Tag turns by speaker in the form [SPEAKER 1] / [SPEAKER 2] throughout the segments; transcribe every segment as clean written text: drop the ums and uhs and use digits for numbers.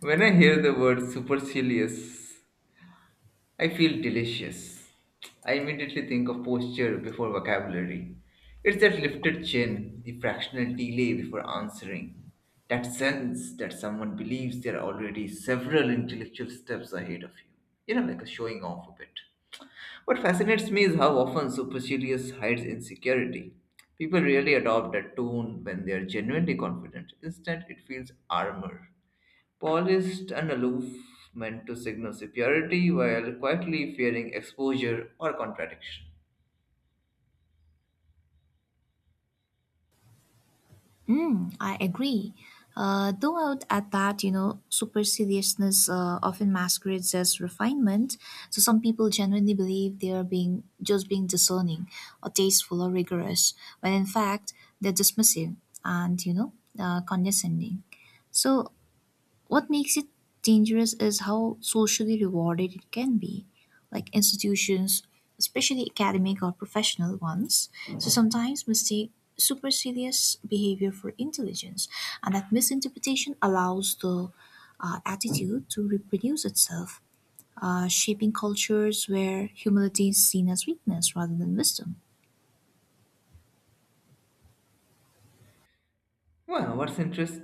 [SPEAKER 1] When I hear the word supercilious, I feel delicious. I immediately think of posture before vocabulary. It's that lifted chin, the fractional delay before answering, that sense that someone believes they're already several intellectual steps ahead of you. You know, like a showing off a bit. What fascinates me is how often supercilious hides insecurity. People really adopt that tone when they are genuinely confident. Instead, it feels armor polished and aloof, meant to signal superiority while quietly fearing exposure or contradiction.
[SPEAKER 2] Mm, I agree. Though out at that, superciliousness often masquerades as refinement. So some people genuinely believe they are being just being discerning, or tasteful, or rigorous, when in fact they're dismissive and condescending. So what makes it dangerous is how socially rewarded it can be. Like institutions, especially academic or professional ones, so sometimes mistake supercilious behavior for intelligence, and that misinterpretation allows the attitude to reproduce itself, shaping cultures where humility is seen as weakness rather than wisdom.
[SPEAKER 1] Well, what's interest?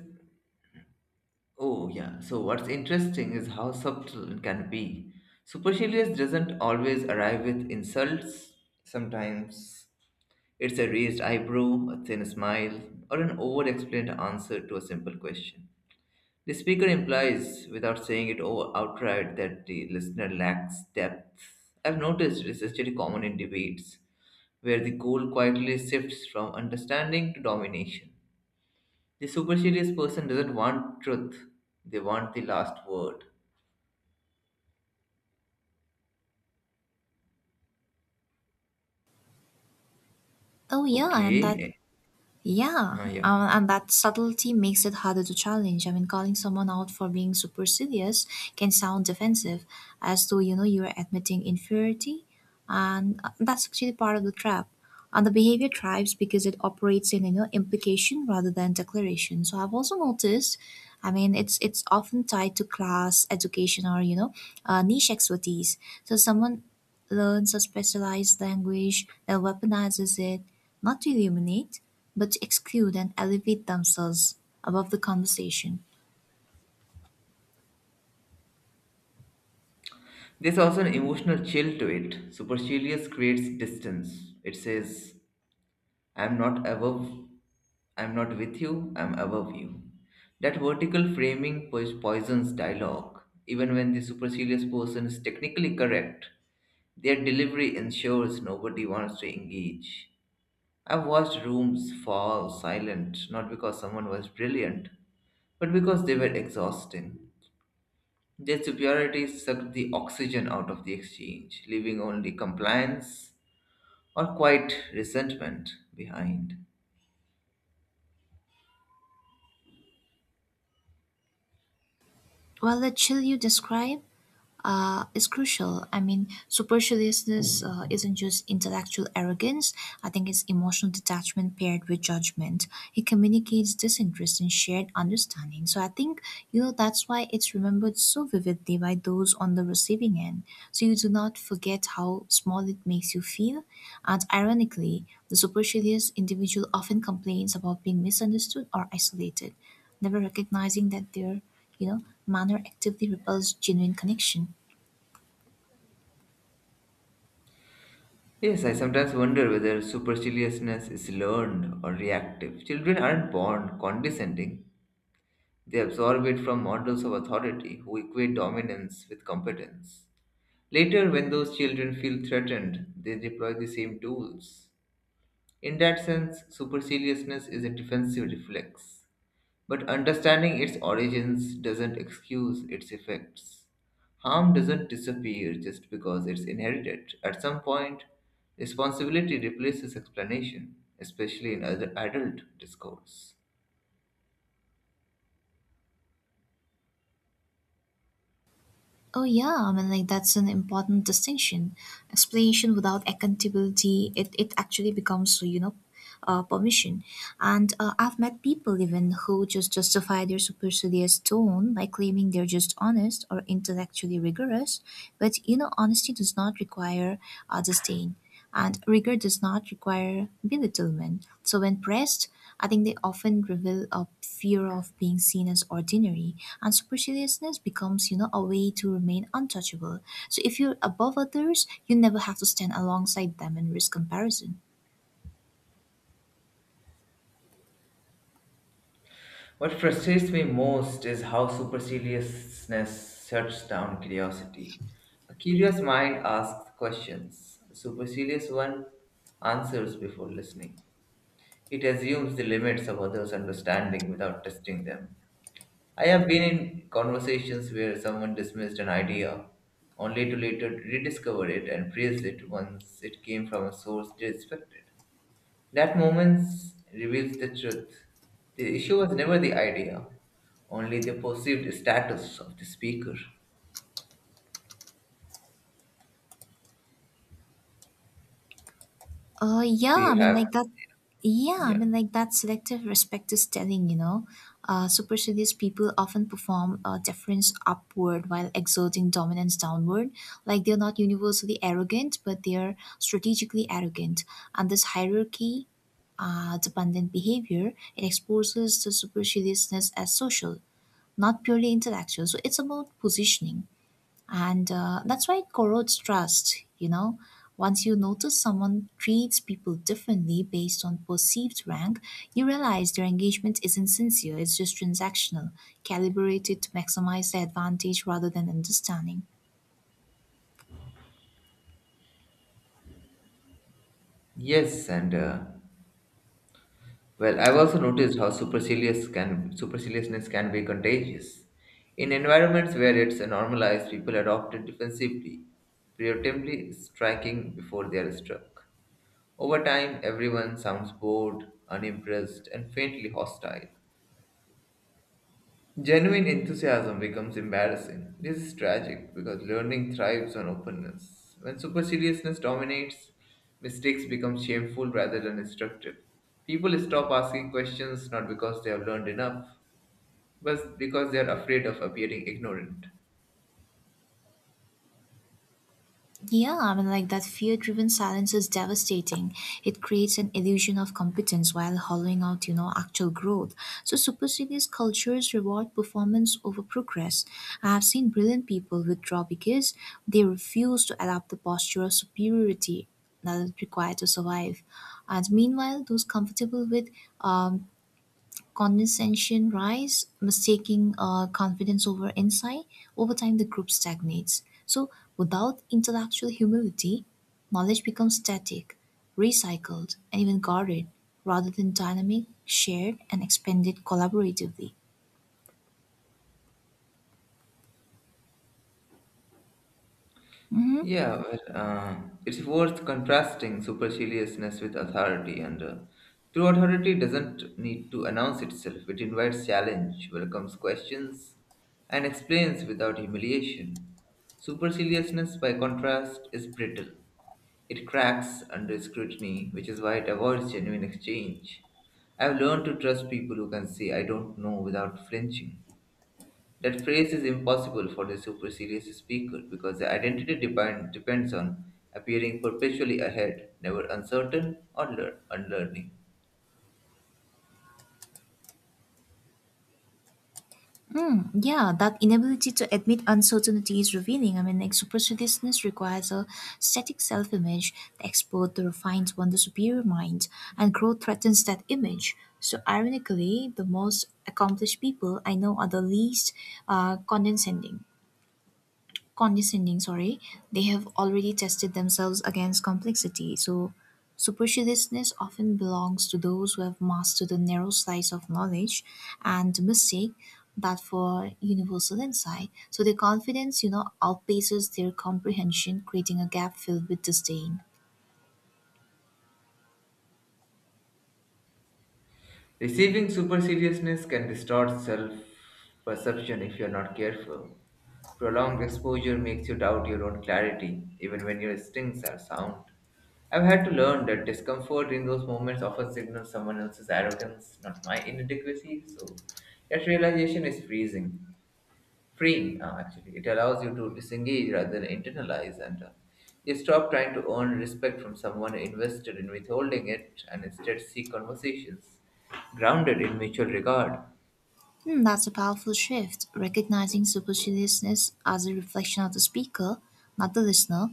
[SPEAKER 1] Oh, yeah. So what's interesting is how subtle it can be. Supercilious doesn't always arrive with insults. Sometimes it's a raised eyebrow, a thin smile, or an over-explained answer to a simple question. The speaker implies, without saying it outright, that the listener lacks depth. I've noticed this is very common in debates, where the goal quietly shifts from understanding to domination. The supercilious person doesn't want truth, they want the last word.
[SPEAKER 2] Oh, yeah, and that
[SPEAKER 1] Okay.
[SPEAKER 2] yeah,
[SPEAKER 1] Uh, yeah.
[SPEAKER 2] and that subtlety makes it harder to challenge. I mean, calling someone out for being supercilious can sound defensive, as though you're admitting inferiority, and that's actually part of the trap. And the behavior thrives because it operates in implication rather than declaration. So I've also noticed, I mean, it's often tied to class, education, or niche expertise. So someone learns a specialized language, then weaponizes it, not to illuminate but to exclude and elevate themselves above the conversation.
[SPEAKER 1] There's also an emotional chill to it. Supercilious creates distance. It says, I'm not above, I'm not with you, I'm above you. That vertical framing poisons dialogue. Even when the supercilious person is technically correct, their delivery ensures nobody wants to engage. I've watched rooms fall silent not because someone was brilliant, but because they were exhausting. Their superiority sucked the oxygen out of the exchange, leaving only compliance or quiet resentment behind.
[SPEAKER 2] Well, the chill you describe is crucial. I mean, superciliousness isn't just intellectual arrogance. I think it's emotional detachment paired with judgment. It communicates disinterest and shared understanding. So I think, that's why it's remembered so vividly by those on the receiving end. So you do not forget how small it makes you feel. And ironically, the supercilious individual often complains about being misunderstood or isolated, never recognizing that their you know, manner actively repels genuine connection.
[SPEAKER 1] Yes, I sometimes wonder whether superciliousness is learned or reactive. Children aren't born condescending, they absorb it from models of authority who equate dominance with competence. Later, when those children feel threatened, they deploy the same tools. In that sense, superciliousness is a defensive reflex. But understanding its origins doesn't excuse its effects. Harm doesn't disappear just because it's inherited. At some point, responsibility replaces explanation, especially in other adult discourse.
[SPEAKER 2] Oh yeah, I mean, like that's an important distinction. Explanation without accountability, it actually becomes permission. And I've met people even who just justify their supercilious tone by claiming they're just honest or intellectually rigorous. But you know, honesty does not require disdain, and rigor does not require belittlement. So when pressed, I think they often reveal a fear of being seen as ordinary, and superciliousness becomes, a way to remain untouchable. So if you're above others, you never have to stand alongside them and risk comparison.
[SPEAKER 1] What frustrates me most is how superciliousness shuts down curiosity. A curious mind asks questions, a supercilious one answers before listening. It assumes the limits of others' understanding without testing them. I have been in conversations where someone dismissed an idea only to later rediscover it and praise it once it came from a source they respected. That moment reveals the truth. The issue was never the idea, only the perceived status of the speaker.
[SPEAKER 2] Uh,
[SPEAKER 1] Do
[SPEAKER 2] yeah, I
[SPEAKER 1] you
[SPEAKER 2] mean,
[SPEAKER 1] have?
[SPEAKER 2] like that. Yeah, I
[SPEAKER 1] Yeah.
[SPEAKER 2] mean, like that selective respect is telling, you know. Supercilious people often perform deference upward while exerting dominance downward. Like they're not universally arrogant, but they're strategically arrogant. And this hierarchy, dependent behavior, it exposes the superciliousness as social, not purely intellectual. So it's about positioning. And that's why it corrodes trust, you know. Once you notice someone treats people differently based on perceived rank, you realize their engagement isn't sincere, it's just transactional, calibrated to maximize their advantage rather than understanding.
[SPEAKER 1] Yes, and Well, I've also noticed how superciliousness can be contagious. In environments where it's normalized, people adopt it defensively, preemptively striking before they are struck. Over time, everyone sounds bored, unimpressed, and faintly hostile. Genuine enthusiasm becomes embarrassing. This is tragic because learning thrives on openness. When superciliousness dominates, mistakes become shameful rather than instructive. People stop asking questions not because they have learned enough, but because they are afraid of appearing ignorant.
[SPEAKER 2] Yeah, I mean, like that fear driven silence is devastating. It creates an illusion of competence while hollowing out, actual growth. So superstitious cultures reward performance over progress. I have seen brilliant people withdraw because they refuse to adopt the posture of superiority that is required to survive. And meanwhile, those comfortable with um, condescension rise, mistaking confidence over insight, over time the group stagnates. So without intellectual humility, knowledge becomes static, recycled, and even guarded, rather than dynamic, shared, and expanded collaboratively.
[SPEAKER 1] Yeah, well, uh, it's worth contrasting superciliousness with authority, and true authority doesn't need to announce itself. It invites challenge, welcomes questions, and explains without humiliation. Superciliousness, by contrast, is brittle. It cracks under scrutiny, which is why it avoids genuine exchange. I've learned to trust people who can say, I don't know, without flinching. That phrase is impossible for the supercilious speaker because the depends on appearing perpetually ahead, never uncertain or unlearning.
[SPEAKER 2] Yeah, that inability to admit uncertainty is revealing. I mean, like superstitiousness requires a static self image. The expert, the refined one, the superior mind, and growth threatens that image. So, ironically, the most accomplished people I know are the least uh, condescending condescending, sorry. They have already tested themselves against complexity, so superciliousness often belongs to those who have mastered a narrow slice of knowledge and mistake that for universal insight, so their confidence outpaces their comprehension, creating a gap filled with disdain.
[SPEAKER 1] Receiving superciliousness can distort self perception if you are not careful. Prolonged exposure makes you doubt your own clarity, even when your instincts are sound. I've had to learn that discomfort in those moments often signals someone else's arrogance, not my inadequacy, so that realization is freezing. freeing. Actually it allows you to disengage rather than internalize, and you stop trying to earn respect from someone invested in withholding it, and instead seek conversations grounded in mutual regard.
[SPEAKER 2] Hmm, that's a powerful shift, recognizing superciliousness as a reflection of the speaker, not the listener.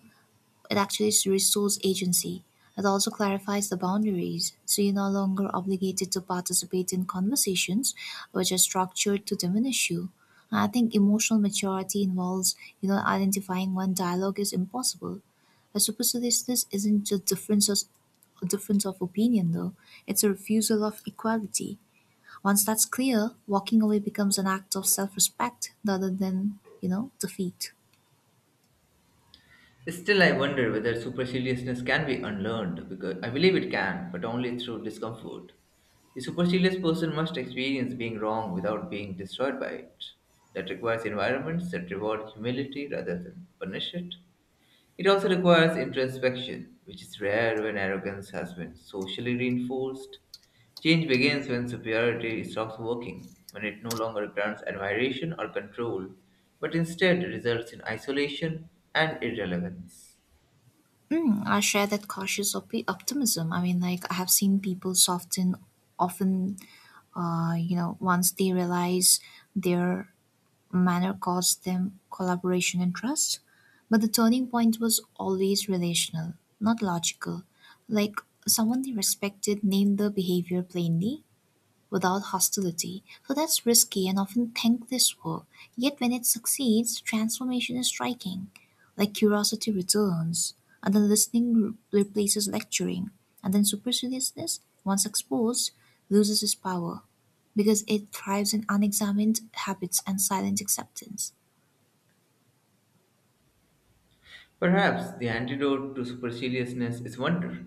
[SPEAKER 2] It actually restores agency. It also clarifies the boundaries, so you're no longer obligated to participate in conversations which are structured to diminish you. And I think emotional maturity involves, identifying when dialogue is impossible. A superciliousness isn't just differences a difference of opinion though. It's a refusal of equality. Once that's clear, walking away becomes an act of self respect rather than, defeat.
[SPEAKER 1] Still I wonder whether superciliousness can be unlearned, because I believe it can, but only through discomfort. A supercilious person must experience being wrong without being destroyed by it. That requires environments that reward humility rather than punish it. It also requires introspection, which is rare when arrogance has been socially reinforced. Change begins when superiority stops working, when it no longer grants admiration or control, but instead results in isolation and irrelevance.
[SPEAKER 2] Hmm, I share that cautious optimism. I mean, like I have seen people soften often, you know, once they realize their manner cost them collaboration and trust. But the turning point was always relational, not logical. Like someone they respected named the behavior plainly, without hostility. So that's risky and often thankless work. Yet when it succeeds, transformation is striking. Like curiosity returns, and then listening replaces lecturing, and then superciliousness, once exposed, loses its power because it thrives in unexamined habits and silent acceptance.
[SPEAKER 1] Perhaps the antidote to superciliousness is wonder.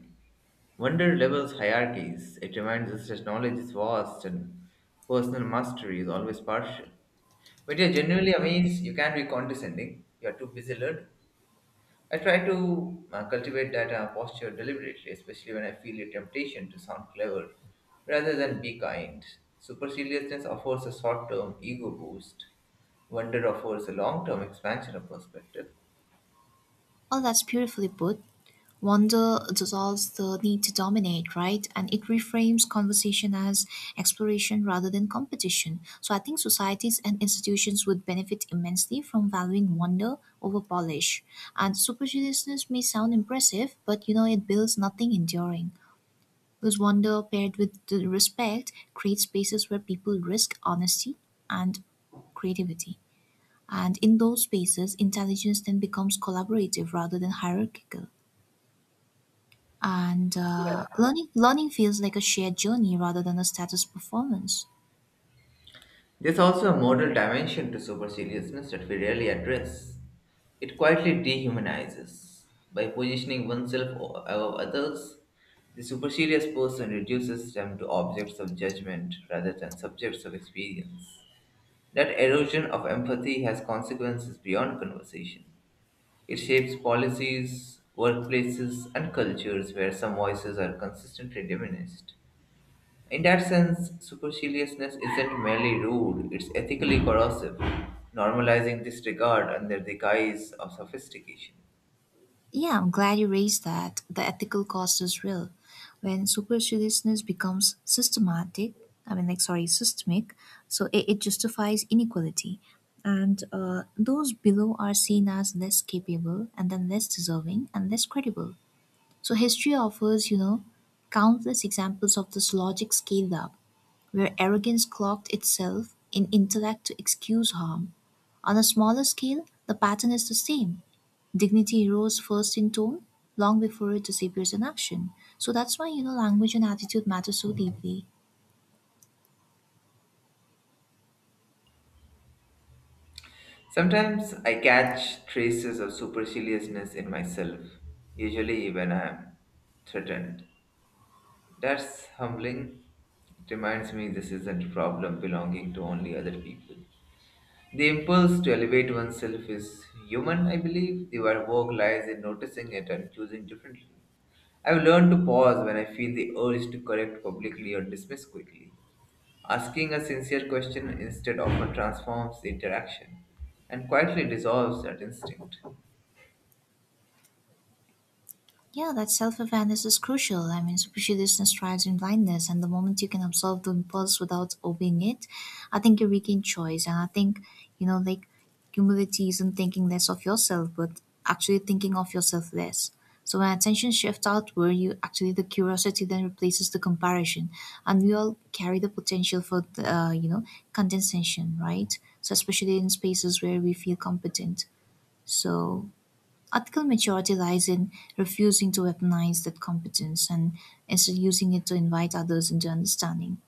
[SPEAKER 1] Wonder levels hierarchies. It reminds us that knowledge is vast and personal mastery is always partial. When you're genuinely amazed, you can't be condescending. You're too busy learning. I try to cultivate that posture deliberately, especially when I feel a temptation to sound clever rather than be kind. Superciliousness offers a short term ego boost, wonder offers a long term expansion of perspective.
[SPEAKER 2] All that's beautifully put. Wonder dissolves the need to dominate, right? And it reframes conversation as exploration rather than competition. So I think societies and institutions would benefit immensely from valuing wonder over polish. And superciliousness may sound impressive, but you know, it builds nothing enduring. Because wonder paired with the respect creates spaces where people risk honesty and creativity. And in those spaces, intelligence then becomes collaborative rather than hierarchical, and learning feels like a shared journey rather than a status performance.
[SPEAKER 1] There's also a moral dimension to super seriousness that we rarely address. It quietly dehumanizes. By positioning oneself above others, the supercilious person reduces them to objects of judgment rather than subjects of experience. That erosion of empathy has consequences beyond conversation. It shapes policies, workplaces, and cultures where some voices are consistently diminished. In that sense, superciliousness isn't merely rude, it's ethically corrosive, normalizing disregard under the guise of sophistication.
[SPEAKER 2] Yeah, I'm glad you raised that. The ethical cost is real. When superstitiousness becomes systematic, I mean, like sorry, systemic, so it justifies inequality, and those below are seen as less capable, and then less deserving, and less credible. So history offers, countless examples of this logic scaled up, where arrogance cloaked itself in intellect to excuse harm. On a smaller scale, the pattern is the same. Dignity rose first in tone, long before it disappears in action. So that's why, language and attitude matter so deeply.
[SPEAKER 1] Sometimes I catch traces of superciliousness in myself, usually when I am threatened. That's humbling. It reminds me this isn't a problem belonging to only other people. The impulse to elevate oneself is human, I believe. The work lies in noticing it and choosing differently. I've learned to pause when I feel the urge to correct publicly or dismiss quickly. Asking a sincere question instead often transforms the interaction and quietly dissolves that instinct.
[SPEAKER 2] Yeah, that self awareness is crucial. I mean, superstitiousness thrives in blindness, and the moment you can observe the impulse without obeying it, I think you regain choice. And I think, you know, like humility isn't thinking less of yourself, but actually thinking of yourself less. So when attention shifts outward, you actually the curiosity then replaces the comparison, and we all carry the potential for the, condescension, right? So especially in spaces where we feel competent. So ethical maturity lies in refusing to weaponize that competence and instead using it to invite others into understanding.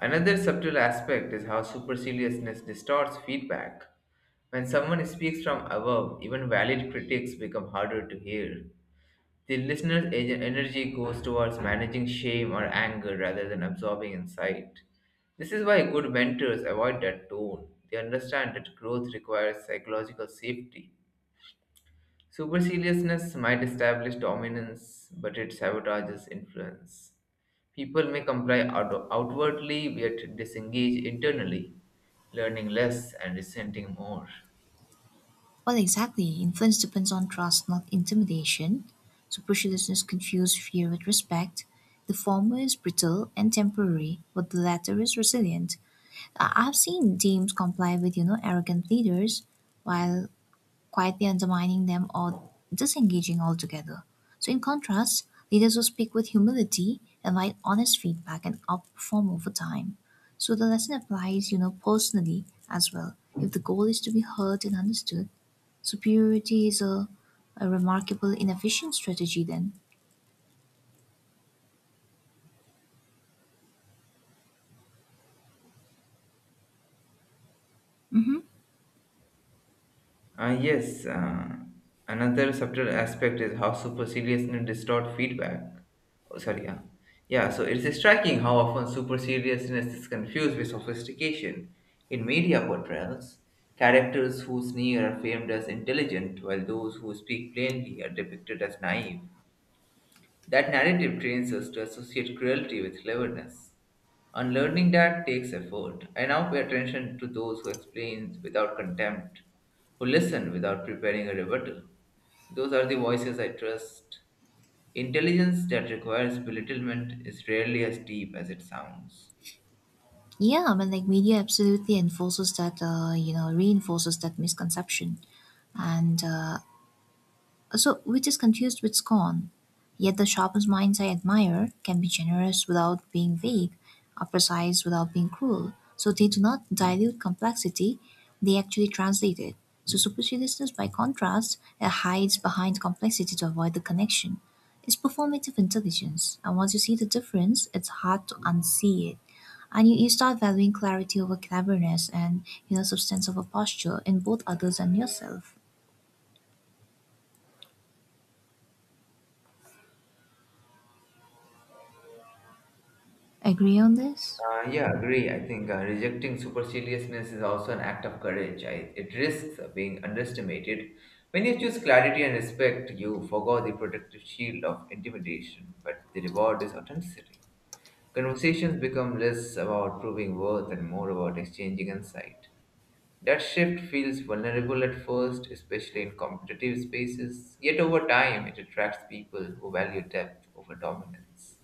[SPEAKER 1] Another subtle aspect is how superciliousness distorts feedback. When someone speaks from above, even valid critics become harder to hear. The listener's energy goes towards managing shame or anger rather than absorbing insight. This is why good mentors avoid that tone. They understand that growth requires psychological safety. Superciliousness might establish dominance, but it sabotages influence. People may comply outwardly yet disengage internally, learning less and resenting more.
[SPEAKER 2] Well, exactly. Influence depends on trust, not intimidation. Superficial listeners confuse fear with respect. The former is brittle and temporary, but the latter is resilient. I've seen teams comply with, arrogant leaders, while quietly undermining them or disengaging altogether. So, in contrast, leaders who speak with humility invite honest feedback and outperform over time. So the lesson applies, personally as well. If the goal is to be heard and understood, superiority is a remarkable inefficient strategy then.
[SPEAKER 1] Yes, another subtle aspect is how superciliousness distort feedback. Oh, sorry, yeah. Yeah, so it's striking how often superciliousness is confused with sophistication. In media portrayals, characters who sneer are famed as intelligent, while those who speak plainly are depicted as naive. That narrative trains us to associate cruelty with cleverness. Unlearning that takes effort. I now pay attention to those who explain without contempt, who listen without preparing a rebuttal. Those are the voices I trust. Intelligence that requires belittlement is rarely as deep as it sounds.
[SPEAKER 2] Yeah, I mean, like media absolutely enforces that you know reinforces that misconception, and so which is confused with scorn. Yet the sharpest minds I admire can be generous without being vague, or precise without being cruel. So they do not dilute complexity, they actually translate it. So superciliousness, by contrast, it hides behind complexity to avoid the connection. It's performative intelligence, and once you see the difference, it's hard to unsee it. And you start valuing clarity over cleverness and substance over posture in both others and yourself. Agree on this?
[SPEAKER 1] Yeah, Agree. I think rejecting superciliousness is also an act of courage. It risks being underestimated. When you choose clarity and respect, you forgo the protective shield of intimidation, but the reward is authenticity. Conversations become less about proving worth and more about exchanging insight. That shift feels vulnerable at first, especially in competitive spaces, yet over time it attracts people who value depth over dominance.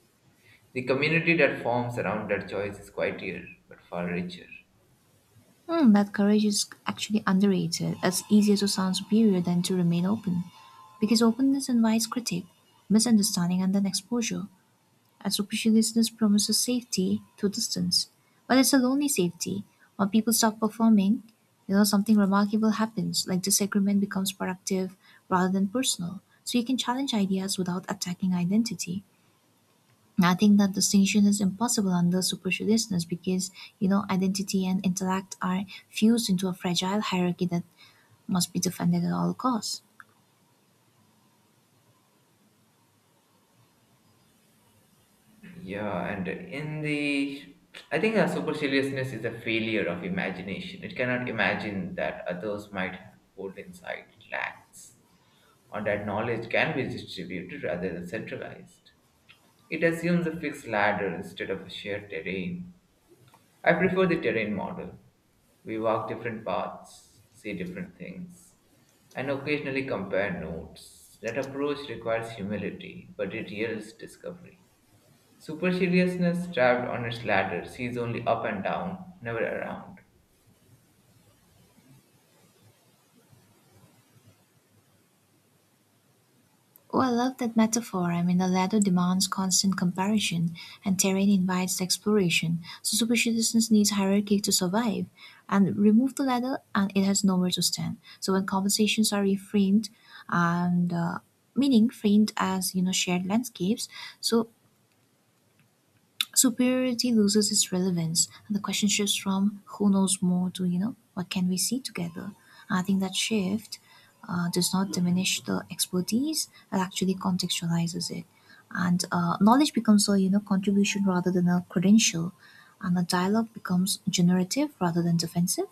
[SPEAKER 1] The community that forms around that choice is quieter but far richer.
[SPEAKER 2] Hmm, that courage is actually underrated. It's easier to sound superior than to remain open. Because openness invites critique, misunderstanding, and then exposure. And superciliousness promises safety through distance. But it's a lonely safety. When people stop performing, something remarkable happens, like disagreement becomes productive rather than personal. So you can challenge ideas without attacking identity. I think that distinction is impossible under superciliousness because identity and intellect are fused into a fragile hierarchy that must be defended at all costs.
[SPEAKER 1] Yeah, and in the I think our superciliousness is a failure of imagination. It cannot imagine that others might hold inside it lacks, or that knowledge can be distributed rather than centralized. It assumes a fixed ladder instead of a shared terrain. I prefer the terrain model. We walk different paths, see different things, and occasionally compare notes. That approach requires humility, but it yields discovery. Superciliousness, trapped on its ladder, sees only up and down, never around.
[SPEAKER 2] Oh, I love that metaphor. I mean, the ladder demands constant comparison, and terrain invites exploration. So superciliousness needs hierarchy to survive, and remove the ladder, and it has nowhere to stand. So when conversations are reframed, and meaning framed as shared landscapes, so superiority loses its relevance and the question shifts from who knows more to, what can we see together? I think that shift does not diminish the expertise, it actually contextualizes it. And knowledge becomes a, contribution rather than a credential. And the dialogue becomes generative rather than defensive.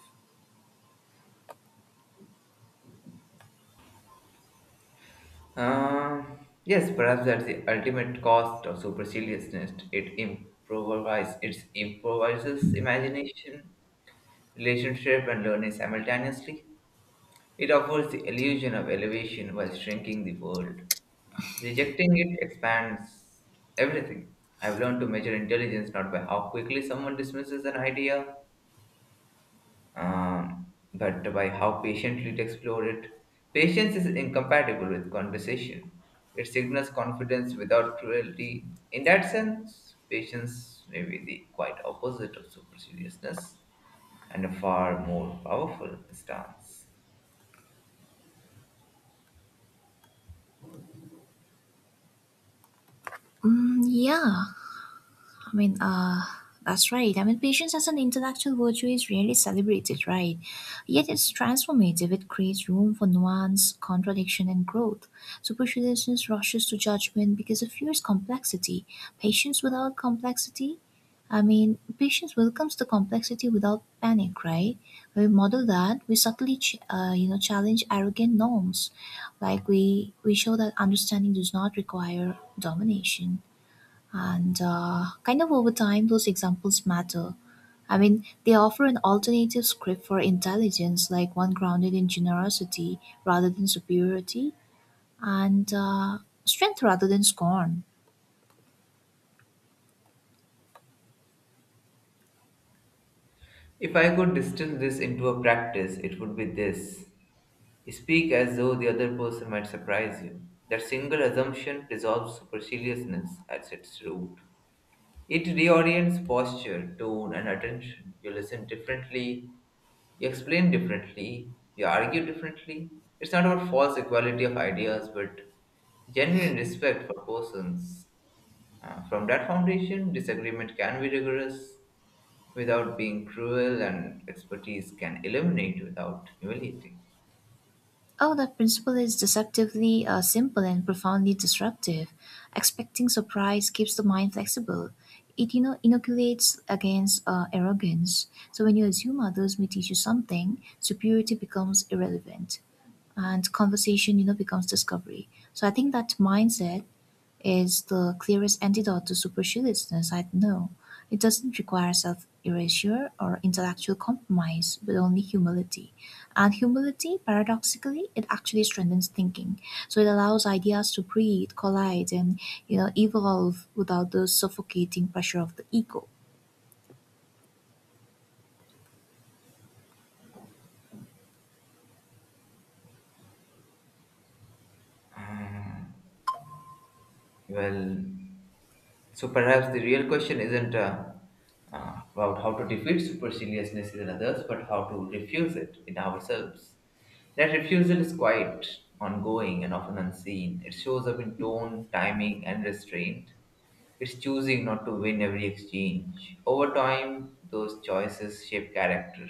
[SPEAKER 1] Uh, yes, Perhaps that's the ultimate cost of superciliousness. It improvises imagination, relationship, and learning simultaneously. It offers the illusion of elevation while shrinking the world. Rejecting it expands everything. I've learned to measure intelligence not by how quickly someone dismisses an idea, but by how patiently to explore it. Patience is incompatible with conversation. It signals confidence without cruelty. In that sense, patience may be the quite opposite of superciliousness and a far more powerful stance.
[SPEAKER 2] Mm, yeah, I mean, uh, that's right. I mean, patience as an intellectual virtue is rarely celebrated, right? Yet it's transformative. It creates room for nuance, contradiction, and growth. Superstitiousness rushes to judgment because it fears complexity. Patience without complexity, I mean, patience welcomes the complexity without panic, right? When we model that, we subtly challenge arrogant norms. Like we show that understanding does not require domination. And kind of over time, those examples matter. I mean, they offer an alternative script for intelligence, like one grounded in generosity rather than superiority, and strength rather than scorn.
[SPEAKER 1] If I could distill this into a practice, it would be this: speak as though the other person might surprise you. That single assumption dissolves superciliousness at its root. It reorients posture, tone, and attention. You listen differently, you explain differently, you argue differently. It's not about false equality of ideas, but genuine respect for persons. From that foundation, disagreement can be rigorous without being cruel, and expertise can illuminate without humiliating.
[SPEAKER 2] Oh, that principle is deceptively simple and profoundly disruptive. Expecting surprise keeps the mind flexible. It, inoculates against arrogance. So when you assume others may teach you something, superiority becomes irrelevant. And conversation becomes discovery. So I think that mindset is the clearest antidote to superciliousness I know. It doesn't require self erasure or intellectual compromise but only humility, and humility paradoxically it actually strengthens thinking. So it allows ideas to breathe, collide, and evolve without the suffocating pressure of the ego.
[SPEAKER 1] Well, so perhaps the real question isn't about how to defeat superciliousness in others, but how to refuse it in ourselves. That refusal is quite ongoing and often unseen. It shows up in tone, timing, and restraint. It's choosing not to win every exchange. Over time, those choices shape character,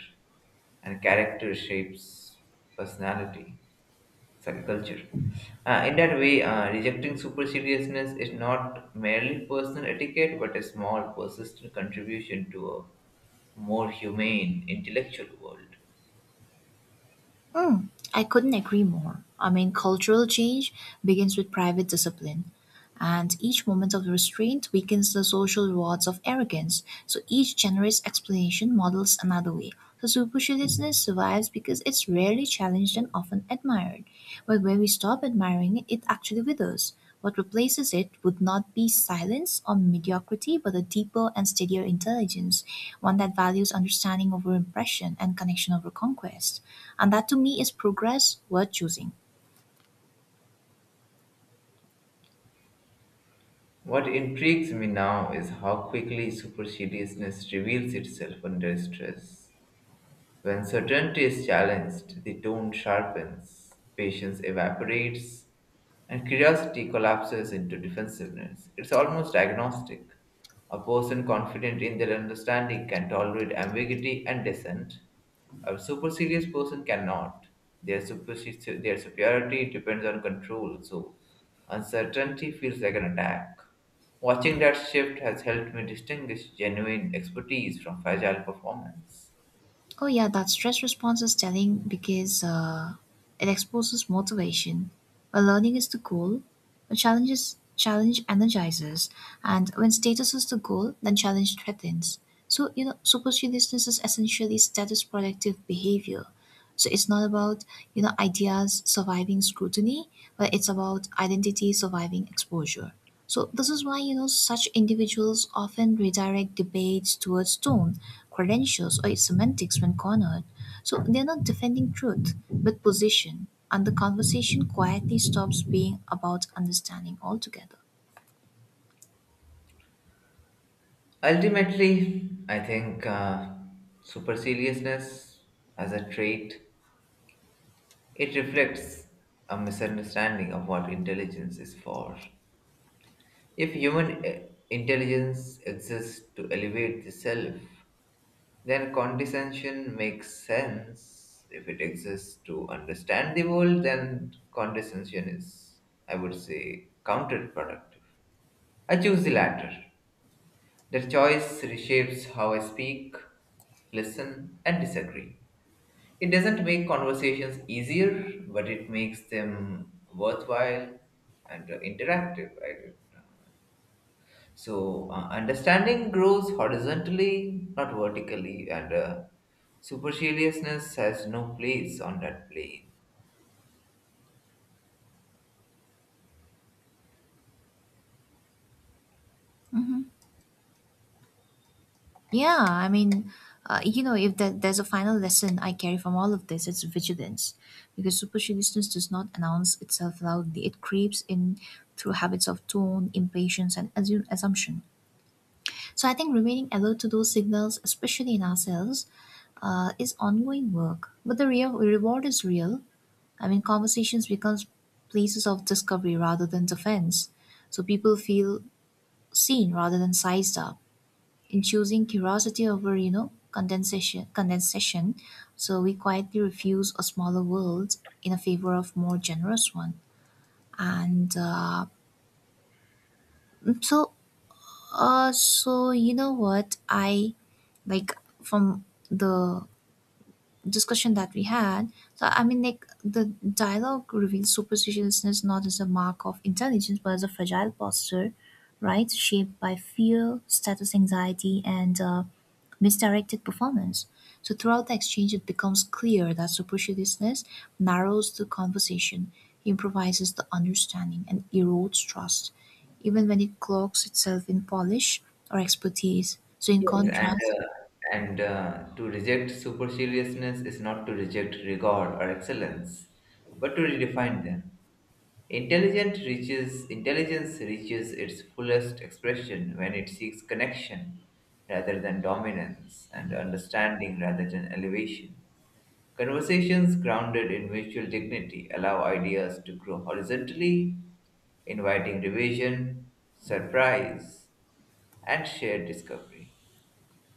[SPEAKER 1] and character shapes personality. Subculture. In that way, rejecting superciliousness is not merely personal etiquette but a small, persistent contribution to a more humane intellectual world.
[SPEAKER 2] Mm, I couldn't agree more. I mean, cultural change begins with private discipline, and each moment of restraint weakens the social rewards of arrogance. So each generous explanation models another way. So superciliousness survives because it's rarely challenged and often admired. But when we stop admiring it, it actually withers. What replaces it would not be silence or mediocrity, but a deeper and steadier intelligence, one that values understanding over impression and connection over conquest. And that to me is progress worth choosing.
[SPEAKER 1] What intrigues me now is how quickly superciliousness reveals itself under stress. When certainty is challenged, the tone sharpens, patience evaporates, and curiosity collapses into defensiveness. It's almost agnostic. A person confident in their understanding can tolerate ambiguity and dissent. A super serious person cannot. Their superiority depends on control, so uncertainty feels like an attack. Watching that shift has helped me distinguish genuine expertise from fragile performance.
[SPEAKER 2] Oh, yeah, that stress response is telling because it exposes motivation. When learning is the goal, when challenge energizes, and when status is the goal, then challenge threatens. So you know, superstitiousness is essentially status protective behavior. So it's not about ideas surviving scrutiny, but it's about identity surviving exposure. So this is why such individuals often redirect debates towards tone, credentials, or semantics when cornered. So they're not defending truth, but position, and the conversation quietly stops being about understanding altogether.
[SPEAKER 1] Ultimately, I think superciliousness as a trait It reflects a misunderstanding of what intelligence is for. If intelligence exists to elevate the self, then condescension makes sense. If it exists to understand the world, then condescension is, I would say, counterproductive. I choose the latter. The choice reshapes how I speak, listen, and disagree. It doesn't make conversations easier, but it makes them worthwhile and interactive. I don't know. So understanding grows horizontally, not vertically, and superciliousness has no place on that plane.
[SPEAKER 2] Hmm, yeah, if there, there's a final lesson I carry from all of this, it's vigilance, because superciliousness does not announce itself loudly. It creeps in through habits of tone, impatience, and assume assumption. So I think remaining alert to those signals, especially in ourselves, is ongoing work. But the real reward is real. I mean, conversations becomes places of discovery rather than defense. So people feel seen rather than sized up. In choosing curiosity over, condensation, so we quietly refuse a smaller world in a favor of more generous one. And uh, mm, so, so you know what I like from the discussion that we had. So I mean, like the dialogue reveals superstitiousness not as a mark of intelligence, but as a fragile posture, right? Shaped by fear, status anxiety, and misdirected performance. So throughout the exchange, it becomes clear that superstitiousness narrows the conversation, improvises the understanding, and erodes trust, even when it cloaks itself in polish or expertise. So in
[SPEAKER 1] Yes,
[SPEAKER 2] contrast,
[SPEAKER 1] and To reject superciliousness is not to reject rigor or excellence, but to redefine them. Intelligent reaches Intelligence reaches its fullest expression when it seeks connection rather than dominance, and understanding rather than elevation. Conversations grounded in mutual dignity allow ideas to grow horizontally, inviting revision, surprise, and shared discovery.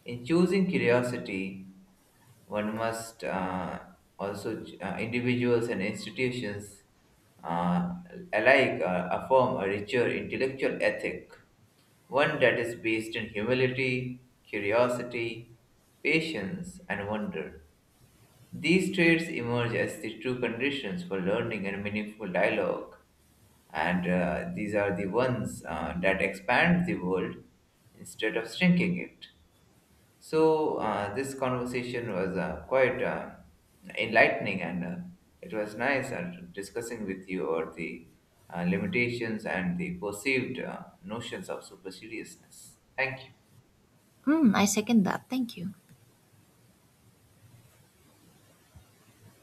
[SPEAKER 1] In choosing curiosity, one must individuals and institutions uh, alike affirm a richer intellectual ethic, one that is based in humility, curiosity, patience, and wonder. These traits emerge as the true conditions for learning and meaningful dialogue, and these are the ones that expand the world instead of shrinking it. So this conversation was quite enlightening, and it was nice discussing with you over the limitations and the perceived notions of superstitiousness. Thank you.
[SPEAKER 2] mm, I second that. Thank you.